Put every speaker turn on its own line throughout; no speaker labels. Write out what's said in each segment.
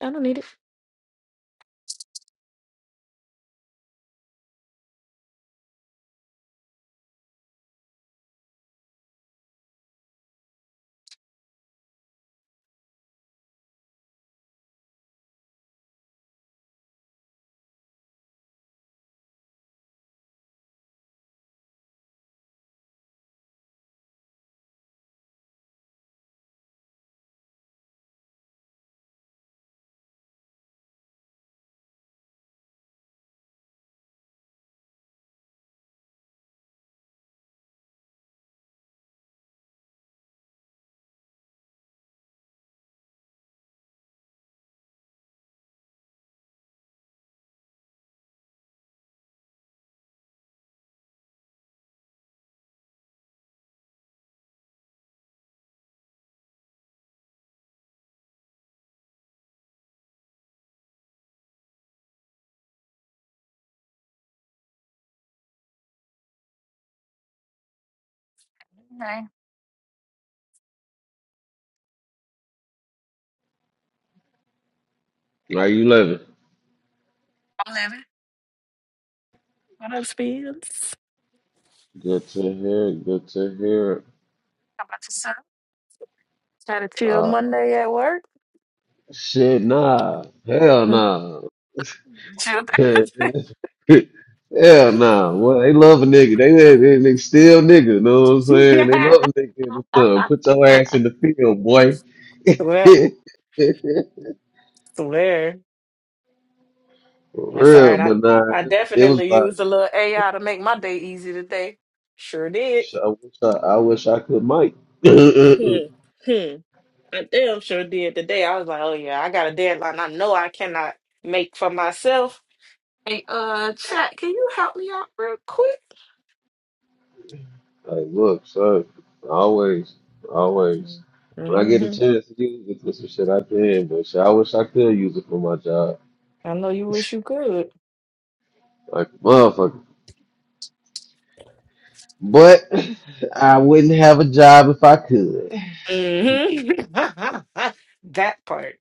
I don't need it. Hey,
How you living?
I'm living. What up, Spins?
Good to hear. it, Good to hear. it.
How about yourself? Had a chill
Uh,
Monday at work.
shit, nah. Hell
Hmm.
nah.
Chill
Hell
Thursday.
nah. Well, they love a nigga. They, they, they, they still nigga. Know what I'm saying? They love a nigga in the sun. Put your ass in the field, boy.
swear, swear.
For
That's all
real,
right. I,
but nah.
I
It was
definitely
like,
used a little AI to make my day easy today. Sure did.
I wish I, I wish I could, Mike.
Hmm. Hmm. I damn sure did today. I was like, oh yeah, I got a deadline. I know I cannot make for myself. Hey, uh, chat, can you help me out real quick?
Like, look, son, always, always. When I get a
Mm-hmm.
chance to use it for some shit, I can. But shit, I wish I could use it for my job,
I know you wish you could.
like a motherfucker. But I wouldn't have a job if I could.
hmm that part.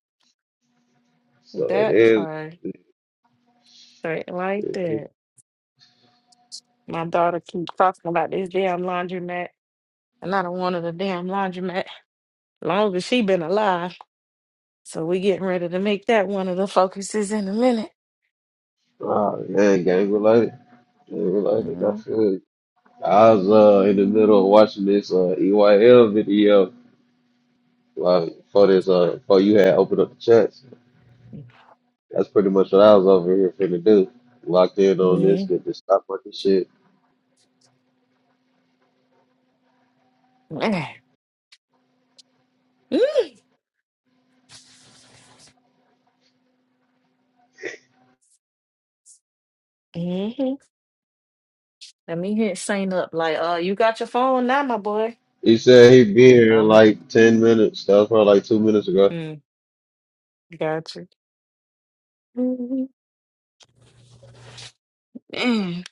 So it
That
is.
part, straight like
It is.
that. My daughter keeps talking about this damn laundromat, and I don't want her the damn laundromat long as she been alive. So we getting ready to make that one of the focuses in a minute.
Oh man, gang related, gang related. I
mm
feel you. I was uh in the middle of watching this uh EYL video like for this uh before you had opened up the chats. That's pretty much what I was over here finna do. Locked in on this,
mm
get this stock market shit.
mm Mm-hmm. Let me hit Saint up like, uh, you got your phone now, my boy.
He said he'd be
Don't
here in
don't.
like 10 minutes. That was probably like two minutes ago. Is
Mm, gotcha. Mm. mm.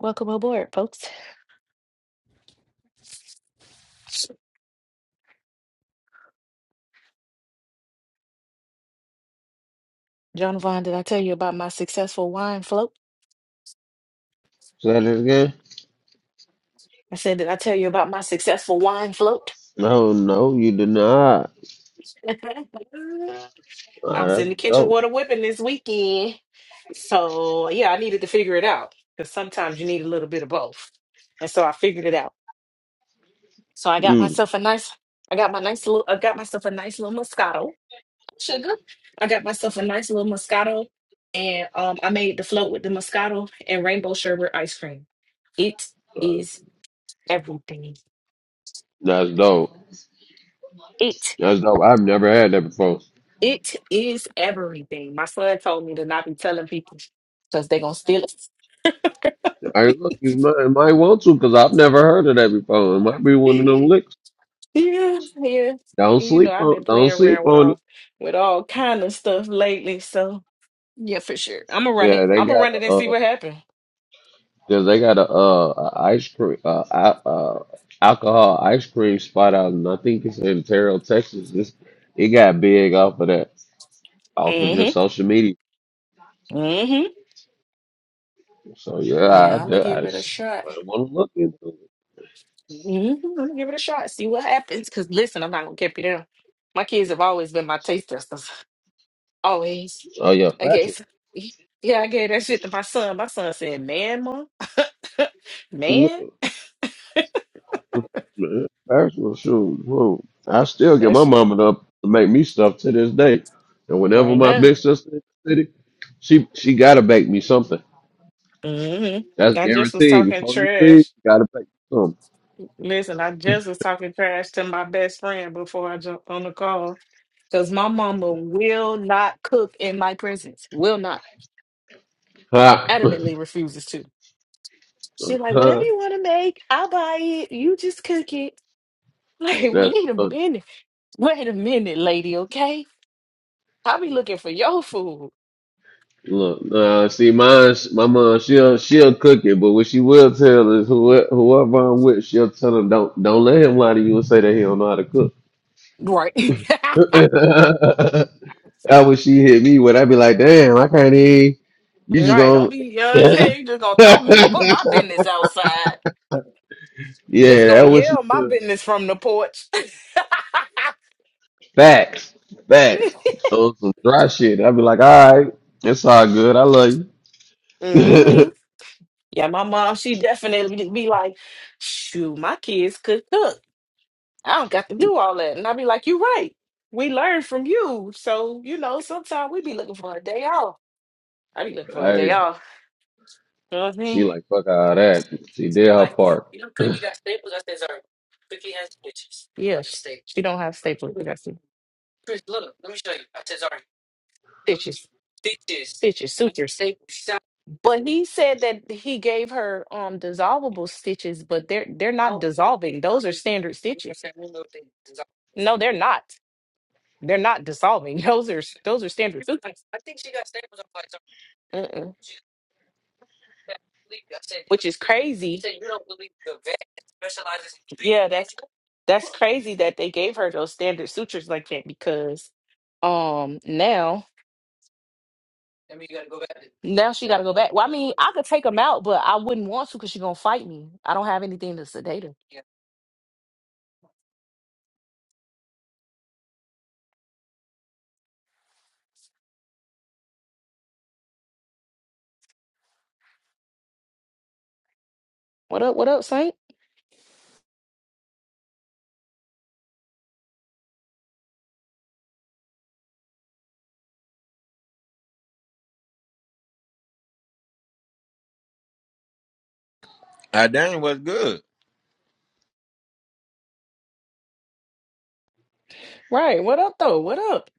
Welcome aboard, folks. John Vaughn, did I tell you about my successful wine float?
that it again?
I said, did I tell you about my successful wine float?
No, no, you did not.
I
Wow,
was in
that's
the kitchen
dope.
water whipping this weekend. So yeah, I needed to figure it out because sometimes you need a little bit of both. And so I figured it out. So I got
Mm,
myself a nice, I got my nice little, I got myself a nice little Moscato sugar. I got myself a nice little Moscato and um, I made the float with the Moscato and rainbow sherbet ice cream. It is everything.
that's dope.
It.
That's dope. I've never had that before.
It is everything. My son told me to not be telling people because they're gonna steal it.
I look, you might, might want to because I've never heard of that before. It might be one of them licks.
yeah, yeah. And,
Don't
You know,
sleep
I've been
on. Don't
playing
sleep
around with
on it.
all with all kind of stuff lately. So yeah, for sure. I'm gonna run it.
Yeah, they
I'm gonna
got
run
a.
it and see
uh,
what happens.
Cause they got a uh a ice cream uh, a- uh alcohol ice cream spot out and I think it's in Terrell, Texas. It's, it got big off of that off of just
Mm-hmm.
social media.
Mm-hmm.
So yeah,
Yeah, I'm
I
gonna
I,
give it a
just-
shot.
want to look into it.
hmm I'm gonna give it a shot. See what happens. Cause listen, I'm not gonna keep you down. My kids have always been my taste testers. Always.
Oh yeah,
I
factual.
gave yeah, I gave that shit to my son. My son said, "Man, mom,
Look,
man,
man, Factual shoot. Whoa. I still get
that
my
shit
mama up to make me stuff to this day. And whenever
right
my
now."
big sister in the city, she she gotta bake me something.
hmm
That's
I just was
guaranteed.
talking
Before you leave, you
trash.
gotta bake me something.
Listen, I just was talking trash to my best friend before I jumped on the call because my mama will not cook in my presence. Will not.
Ha.
Adamantly refuses to. She like, whatever
Huh?
you want to make, I'll buy it. You just cook it. Like,
That's
wait a
funny.
minute. Wait a minute, lady, okay? I'll be looking for your food.
look. Uh, see, mine, my mom, she'll she'll cook it, but what she will tell is whoever, whoever I'm with, she'll tell him don't don't let him lie to you and say that he don't know how to cook.
Right.
That what she hit me with. I'd be like, damn, I can't even. You just
right.
gonna.
Don't be uh
yeah,
hey, you just gonna throw me put my business outside. Just gonna
that what she
yell my
will.
business from the porch.
Facts, facts. So some dry shit. I'd be like, all right, it's all good. I love you.
hmm Yeah, my mom, she definitely be like, shoot, my kids could cook. I don't got to do all that. And i be like, you right. We learn from you. So, you know, sometimes we be looking for a day off. I be looking for a
All
day
right.
off. You know what I
She
mean?
like fuck all that. She did her part.
Yeah. She she don't have staples. stitches, stitches, sutures. They, but he said that he gave her um dissolvable stitches, but they're they're not dissolving. Those are standard stitches. No, they're not. They're not dissolving. Those are those are standard sutures. Mm-mm. Which is crazy. Yeah, that's that's crazy that they gave her those standard sutures like that because um now. Now she got to go back. Well, I mean, I could take him out, but I wouldn't want to because she's gonna fight me. I don't have anything to sedate her. What up? What up, Saint?
I dang was good.
Right. What up, though? What up?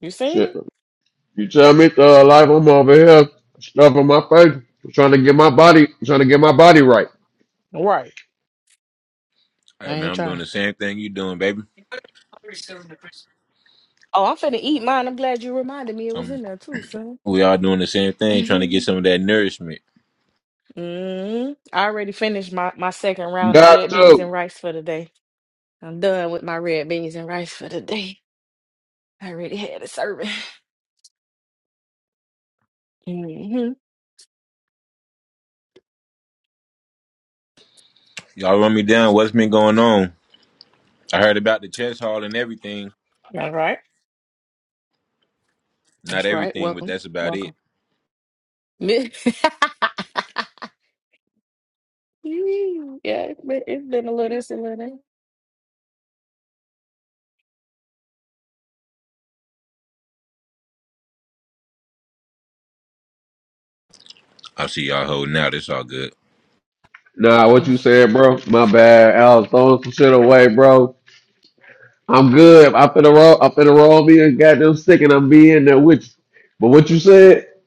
You seen
Shit.
it?
You tell me to uh, life I'm over here stuffing my face, trying to get my body, trying to get my body right.
Right.
Hey
I
man,
ain't
I'm doing
trying.
the same thing you doing, baby.
Oh, I'm finna eat mine. I'm glad you reminded me it was
I'm
in there too, son.
we all doing the same thing, trying to
hmm
get some of that nourishment.
hmm I already finished my, my second round of
Got
red beans
to.
and rice for the day. I'm done with my red beans and rice for the day. I already had a serving. hmm
Y'all run me down. What's been going on? I heard about the chess hall and everything.
That's right.
Not
That's right.
everything, but
Welcome.
that's about it.
Welcome. Mi- Mm, Yeah, it's been, it's been a little this and little
I see y'all holding out. It's all good.
Nah, what you said, bro? My bad. I was throwing some shit away, bro. I'm good. I finna roll. I finna roll me a goddamn stick, and I'm being there with you. But what you said?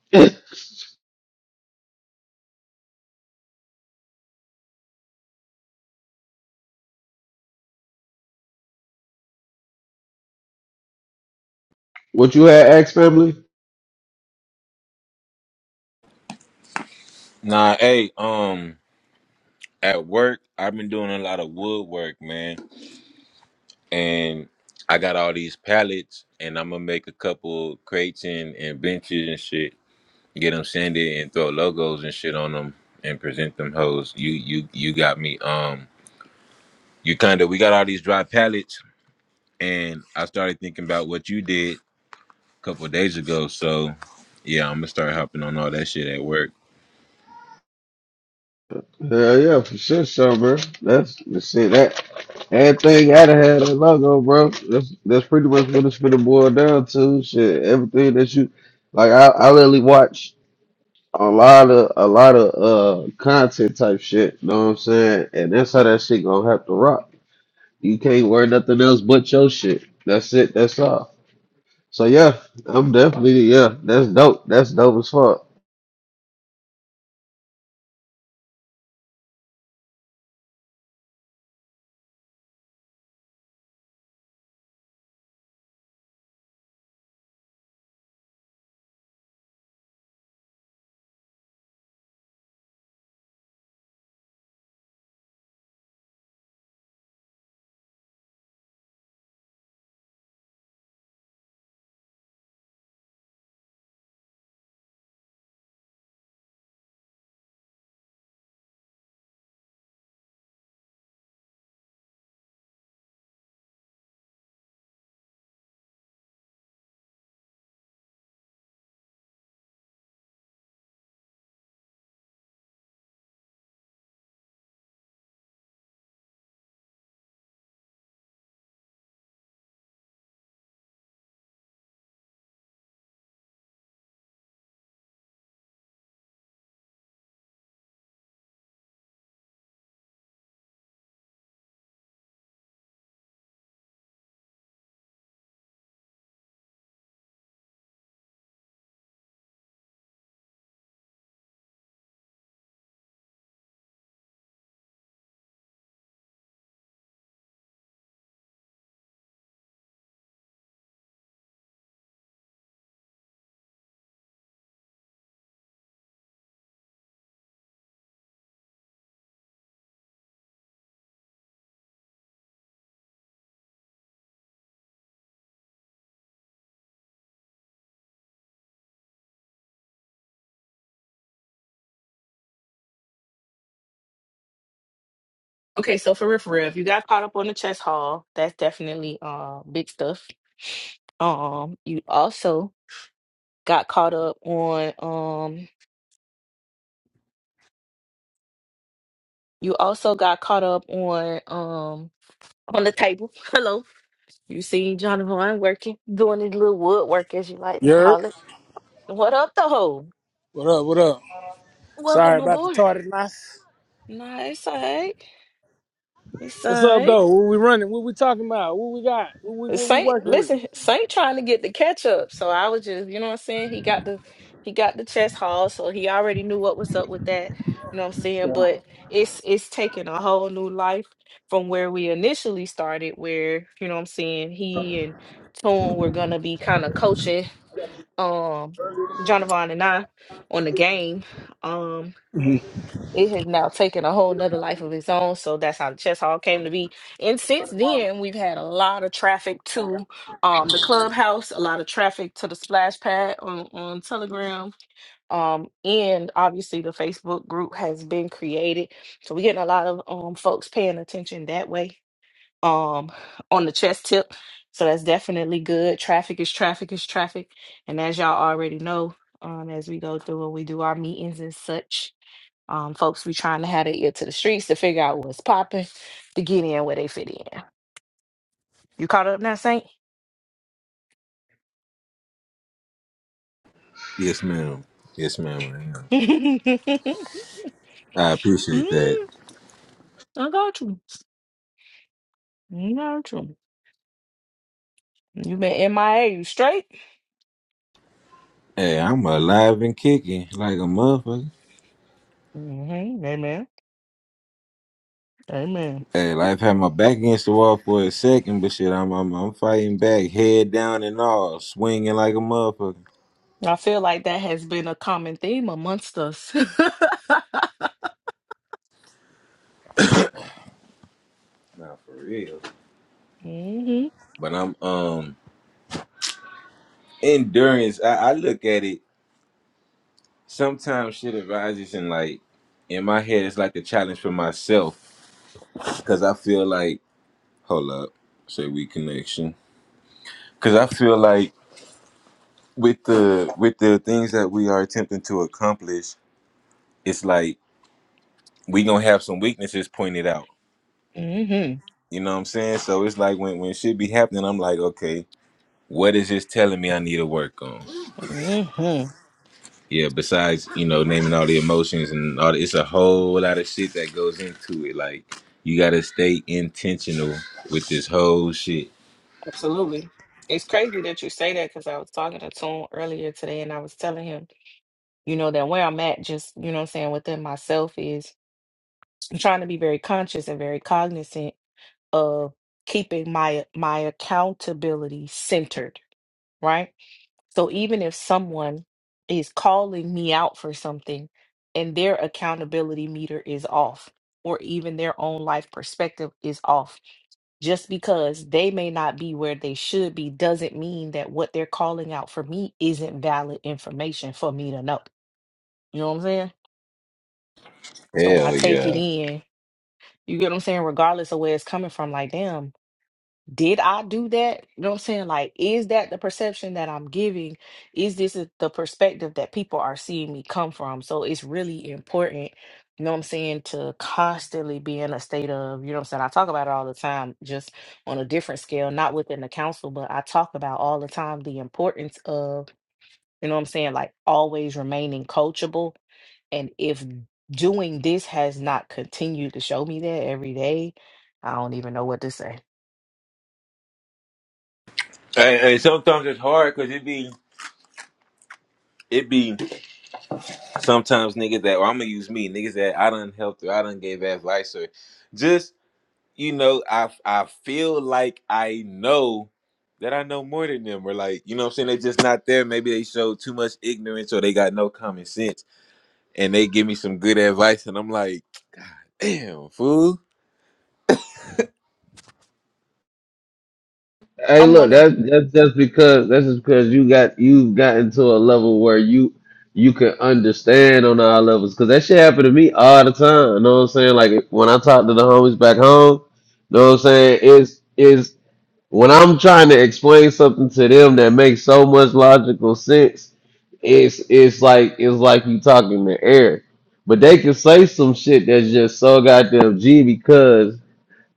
what you had, ex family?
Nah, hey, um, at work I've been doing a lot of woodwork, man, and I got all these pallets, and I'm gonna make a couple crates and, and benches and shit get them sanded and throw logos and shit on them and present them hoes. You you you got me. Um, you kind of we got all these dry pallets, and I started thinking about what you did a couple of days ago. So yeah, I'm gonna start hopping on all that shit at work.
Hell yeah, for sure, son, bro. That's the shit. That Everything gotta have that logo, bro. That's that's pretty much what it's finna boil down to. Shit, everything that you like, I I literally watch a lot of a lot of uh content type shit. You know what I'm saying? And that's how that shit gonna have to rock. You can't wear nothing else but your shit. That's it. That's all. So yeah, I'm definitely yeah. That's dope. That's dope as fuck.
Okay, so for real, for real, if you got caught up on the chess haul, that's definitely uh big stuff. Um, you also got caught up on um, you also got caught up on um on the table. Hello, you see Jonathan working, doing his little woodwork as you like to
Yerp.
call it. What up, the hoe?
What up? What up? Sorry
Welcome
about the
aboard.
tardiness.
Nice, all right. It's
What's
all
up
right.
though? What we running? What we talking about? What we got? What we what we
Saint,
working with?
listen, Saint trying to get the catch up. So I was just, you know what I'm saying? He got the he got the chest haul, so he already knew what was up with that. You know what I'm saying? But it's it's taking a whole new life from where we initially started, where, you know what I'm saying, he and Tune were gonna be kind of coaching um Jonavon and I on the game. Um it has now taken a whole nother life of its own. So that's how the chess hall came to be. And since then, we've had a lot of traffic to um, the clubhouse, a lot of traffic to the splash pad on, on Telegram. Um, and obviously, the Facebook group has been created. So we're getting a lot of um, folks paying attention that way um, on the chess tip. So that's definitely good. Traffic is traffic is traffic. And as y'all already know, um, as we go through and we do our meetings and such, um, folks be trying to have their ear to the streets to figure out what's popping, to get in where they fit in. You caught up now, Saint?
Yes, ma'am. Yes, ma'am. I am.
mm,
I appreciate that.
I got you. I got you. You been MIA, you straight?
Hey, I'm alive and kicking like a motherfucker.
hmm Amen. Amen.
Hey, life had my back against the wall for a second, but shit, I'm I'm, I'm fighting back, head down and all, swinging like a motherfucker.
I feel like that has been a common theme amongst us.
Nah, for real.
hmm
but I'm um endurance. I, I look at it sometimes shit arises and like in my head it's like a challenge for myself because I feel like hold up, say we connection because I feel like with the with the things that we are attempting to accomplish, it's like we gonna have some weaknesses pointed out.
hmm
You know what I'm saying? So it's like when when shit be happening, I'm like, okay, what is this telling me I need to work on?
hmm
Yeah, besides, you know, naming all the emotions and all the, it's a whole lot of shit that goes into it. Like you gotta stay intentional with this whole shit.
Absolutely. It's crazy that you say that because I was talking to Tune earlier today and I was telling him you know that where i'm at just you know what i'm saying within myself is i'm trying to be very conscious and very cognizant of keeping my my accountability centered right so even if someone is calling me out for something and their accountability meter is off or even their own life perspective is off just because they may not be where they should be doesn't mean that what they're calling out for me isn't valid information for me to know you know what i'm saying So I
Hell
take it
yeah.
in. You get what I'm saying? Regardless of where it's coming from, like, damn, did I do that? You know what I'm saying? Like, is that the perception that I'm giving? Is this is the perspective that people are seeing me come from? So it's really important, you know what I'm saying, to constantly be in a state of, you know what I'm saying? I talk about it all the time, just on a different scale, not within the council, but I talk about all the time the importance of, you know what I'm saying, like always remaining coachable and if doing this has not continued to show me that every day, I don't even know what to say.
And, and sometimes it's hard because it be it be sometimes niggas that or I'm gonna use me, niggas that I done helped or I done gave advice or just you know, I I feel like I know that I know more than them or like, you know what I'm saying? They just not there. Maybe they showed too much ignorance or they got no common sense and they give me some good advice, and I'm like, damn, fool.
Hey,
I'm
look,
one of,
that's that's just because that's just because you got you've gotten to a level where you you can understand on our levels. Cause that shit happened to me all the time. You know what I'm saying? Like when I talk to the homies back home, you know what I'm saying? Is is when I'm trying to explain something to them that makes so much logical sense, it's it's like it's like you talking to air. But they can say some shit that's just so goddamn G because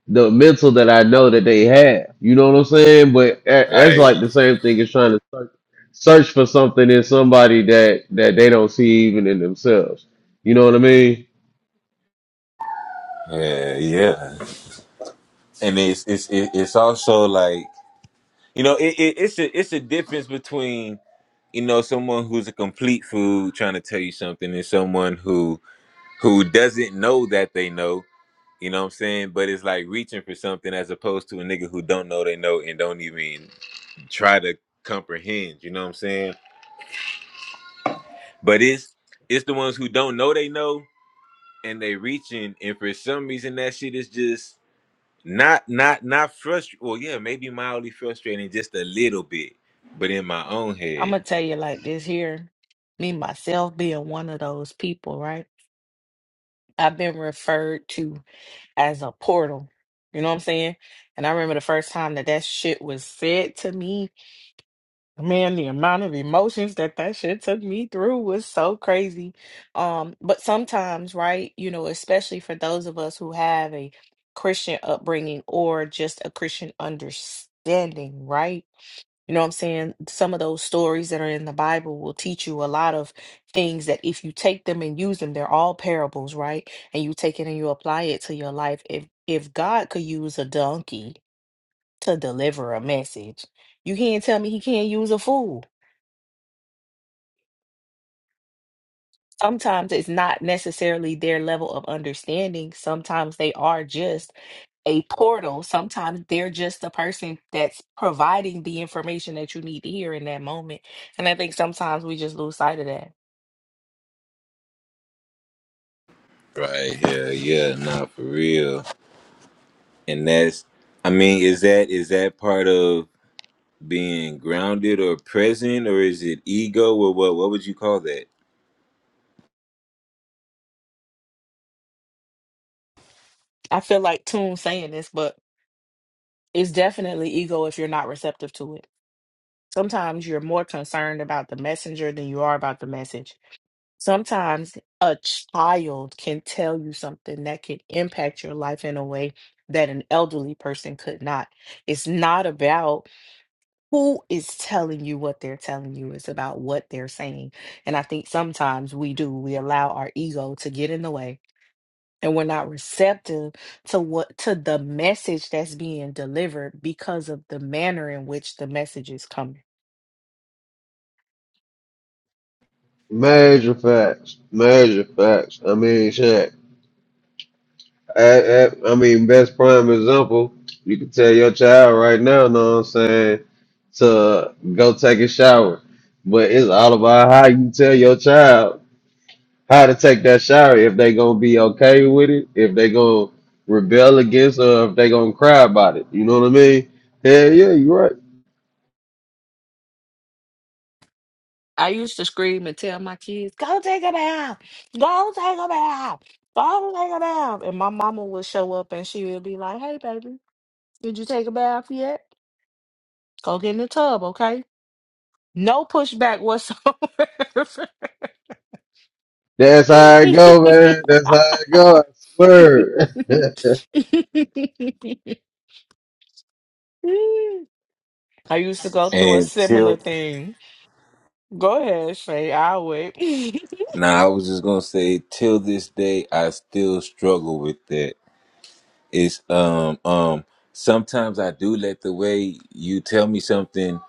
the mental that I know that they have. You know what I'm saying? But that- that's
Right.
like the same thing as trying to search, search for something in somebody that that they don't see even in themselves. You know what I mean?
Yeah, yeah. And it's it's it- it's also like you know it, it it's a it's a difference between you know someone who's a complete fool trying to tell you something and someone who who doesn't know that they know. You know what I'm saying? But it's like reaching for something as opposed to a nigga who don't know they know and don't even try to comprehend. You know what I'm saying? But it's it's the ones who don't know they know and they reaching, and for some reason that shit is just not not not frustrating. Well, yeah, maybe mildly frustrating, just a little bit, but in my own
I'm
head,
gonna tell you like this here, me myself being one of those people, right? I've been referred to as a portal. You know what I'm saying? And I remember the first time that that shit was said to me Man, the amount of emotions that that shit took me through was so crazy. Um, but sometimes, right, you know, especially for those of us who have a Christian upbringing or just a Christian understanding, right? You know what I'm saying? Some of those stories that are in the Bible will teach you a lot of things that if you take them and use them, they're all parables, right? And you take it and you apply it to your life. If if God could use a donkey to deliver a message, you can't tell me he can't use a fool sometimes it's not necessarily their level of understanding. Sometimes they are just a portal. Sometimes they're just the person that's providing the information that you need to hear in that moment. And I think sometimes we just lose sight of that.
right here, yeah, nah, for real. And that's, I mean, is that is that part of being grounded or present, or is it ego, or what? What would you call that?
I feel like Toon saying this, but it's definitely ego if you're not receptive to it. Sometimes you're more concerned about the messenger than you are about the message. Sometimes a child can tell you something that could impact your life in a way that an elderly person could not. It's not about who is telling you what they're telling you, it's about what they're saying. And I think sometimes we do, we allow our ego to get in the way. And we're not receptive to what to the message that's being delivered because of the manner in which the message is coming.
Major facts. Major facts. I mean, shit. I, I, I mean, best prime example. You can tell your child right now, know what I'm saying, to go take a shower. But it's all about how you tell your child how to take that shower if they gonna be okay with it, if they gonna rebel against or if they gonna cry about it. You know what I mean? Hell yeah, you right.
I used to scream and tell my kids, go take a bath, go take a bath, go take a bath. And my mama would show up and she would be like, hey, baby, did you take a bath yet? Go get in the tub, okay? No pushback whatsoever.
That's how it go, man. That's how it go. I swear.
I used to go through a
And
similar
till
thing. Go ahead, Shay. I'll wait.
now, I was just gonna say, till this day, I still struggle with that It's um um sometimes I do let the way you tell me something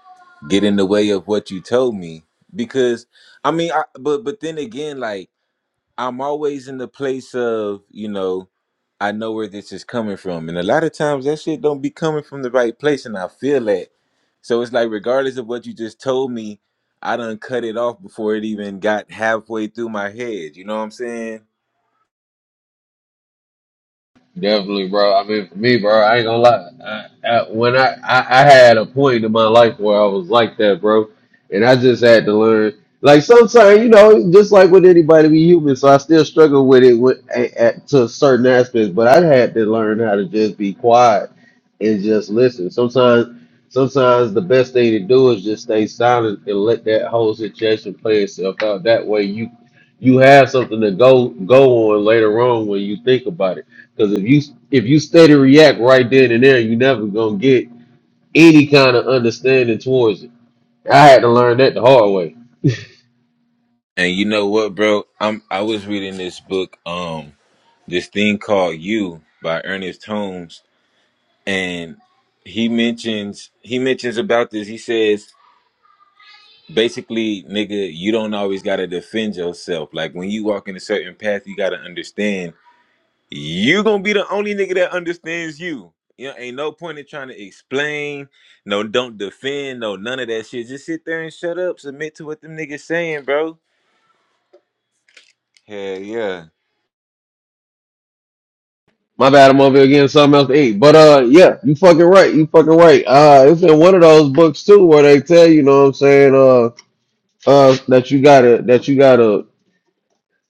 get in the way of what you told me because I mean I but but then again like I'm always in the place of, you know, I know where this is coming from. And a lot of times that shit don't be coming from the right place and I feel that. So it's like regardless of what you just told me, I done cut it off before it even got halfway through my head. You know what I'm saying?
Definitely, bro. I mean, for me, bro, I ain't gonna lie. I, I, when I, I, I had a point in my life where I was like that, bro, and I just had to learn. Like sometimes, you know, just like with anybody, we human. So I still struggle with it with, at, at, to certain aspects, but I had to learn how to just be quiet and just listen. Sometimes, sometimes the best thing to do is just stay silent and let that whole situation play itself out. That way, you you have something to go go on later on when you think about it because if you if you stay to react right then and there, you never gonna get any kind of understanding towards it. I had to learn that the hard way.
And you know what, bro? I'm I was reading this book. Um this thing called You by Ernest Holmes, and he mentions he mentions about this. He says basically, nigga, you don't always gotta defend yourself. Like when you walk in a certain path, you gotta understand you gonna be the only nigga that understands you. You know, ain't no point in trying to explain. No, don't defend. No, none of that shit. Just sit there and shut up. Submit to what them niggas saying, bro. Hell yeah.
My bad, I'm over here getting something else to eat. But uh, yeah, you fucking right. You fucking right. Uh, it's in one of those books too where they tell you, know what I'm saying, uh, uh, that you gotta that you gotta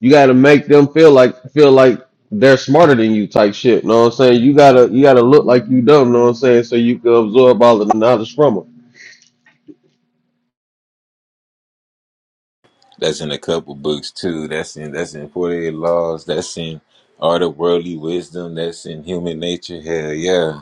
you gotta make them feel like feel like they're smarter than you type shit. Know what I'm saying? You gotta you gotta look like you dumb. Know what I'm saying? So you can absorb all of the knowledge from them.
That's in a couple books too. That's in that's in Forty Eight Laws. That's in Art of Worldly Wisdom. That's in Human Nature. Hell yeah.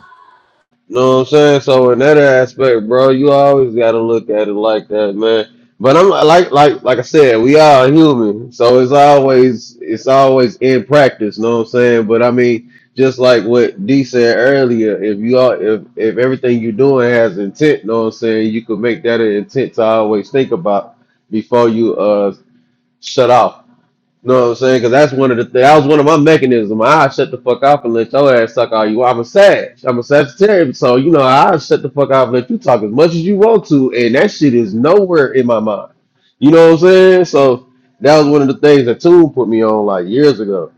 know what I'm saying? So in that aspect, bro, you always gotta look at it like that, man. But I'm like like like I said, we are human. So it's always it's always in practice, know what I'm saying? But I mean, just like what D said earlier, if you are if if everything you're doing has intent, know what I'm saying, you could make that an intent to always think about before you uh shut off know what I'm saying? Because that's one of the that was one of my mechanisms. I shut the fuck up and let your ass suck all you. want. I'm a sag. I'm a Sagittarius, so you know I shut the fuck up and let you talk as much as you want to, and that shit is nowhere in my mind. You know what I'm saying? So that was one of the things that Tune put me on like years ago.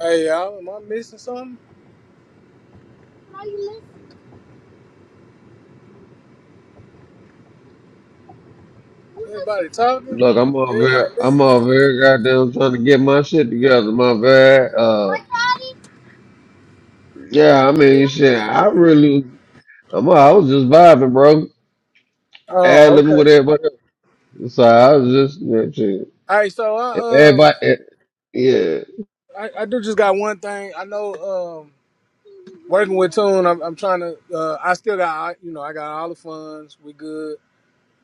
Hey y'all, am I missing something? Everybody talking?
Look, I'm all very,
Everybody
I'm
leaving?
all very goddamn, trying to get my shit together, my bad. Uh, yeah, I mean, shit, I really, I'm, I was just vibing, bro, ad
Oh,
libbing
okay.
with everybody. else. So I was just, yeah, shit.
All right, so
If
I um
everybody, eh, yeah,
I, I do just got one thing. I know um working with Tune, I'm, I'm trying to uh I still got you know I got all the funds. We good.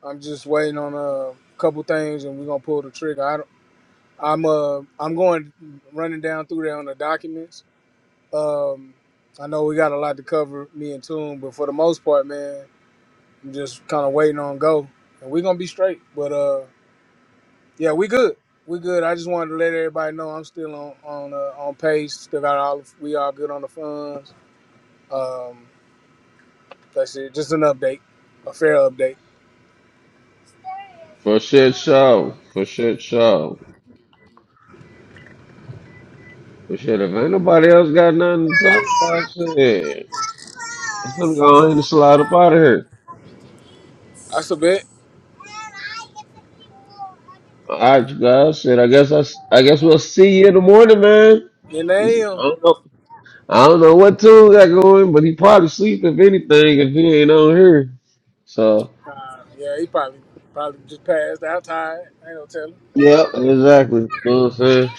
I'm just waiting on uh, a couple things and we're gonna pull the trigger. I don't, I'm uh I'm going running down through there on the documents Um, I know we got a lot to cover, me and Tune, but for the most part, man, I'm just kind of waiting on go, and we're gonna be straight. But uh, yeah, we good. We good. I just wanted to let everybody know I'm still on on uh, on pace. Still got all we all good on the funds. Um, that's it. Just an update, a fair update.
for shit show, for shit show, for shit. If ain't nobody else got nothing to talk about, shit, I'm finna go ahead and slide up out of here.
That's a bit.
All right, you guys. Shit, I guess I, s- I guess we'll see you in the morning, man.
And I am.
I don't know, I don't know what tune got going, but he probably sleep if anything if he ain't on here. So,
Uh, yeah, he probably probably just passed out tired. Ain't no telling.
yeah, exactly. You know what I'm saying?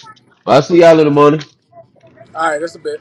I'll see y'all in the morning.
All right, that's a bit.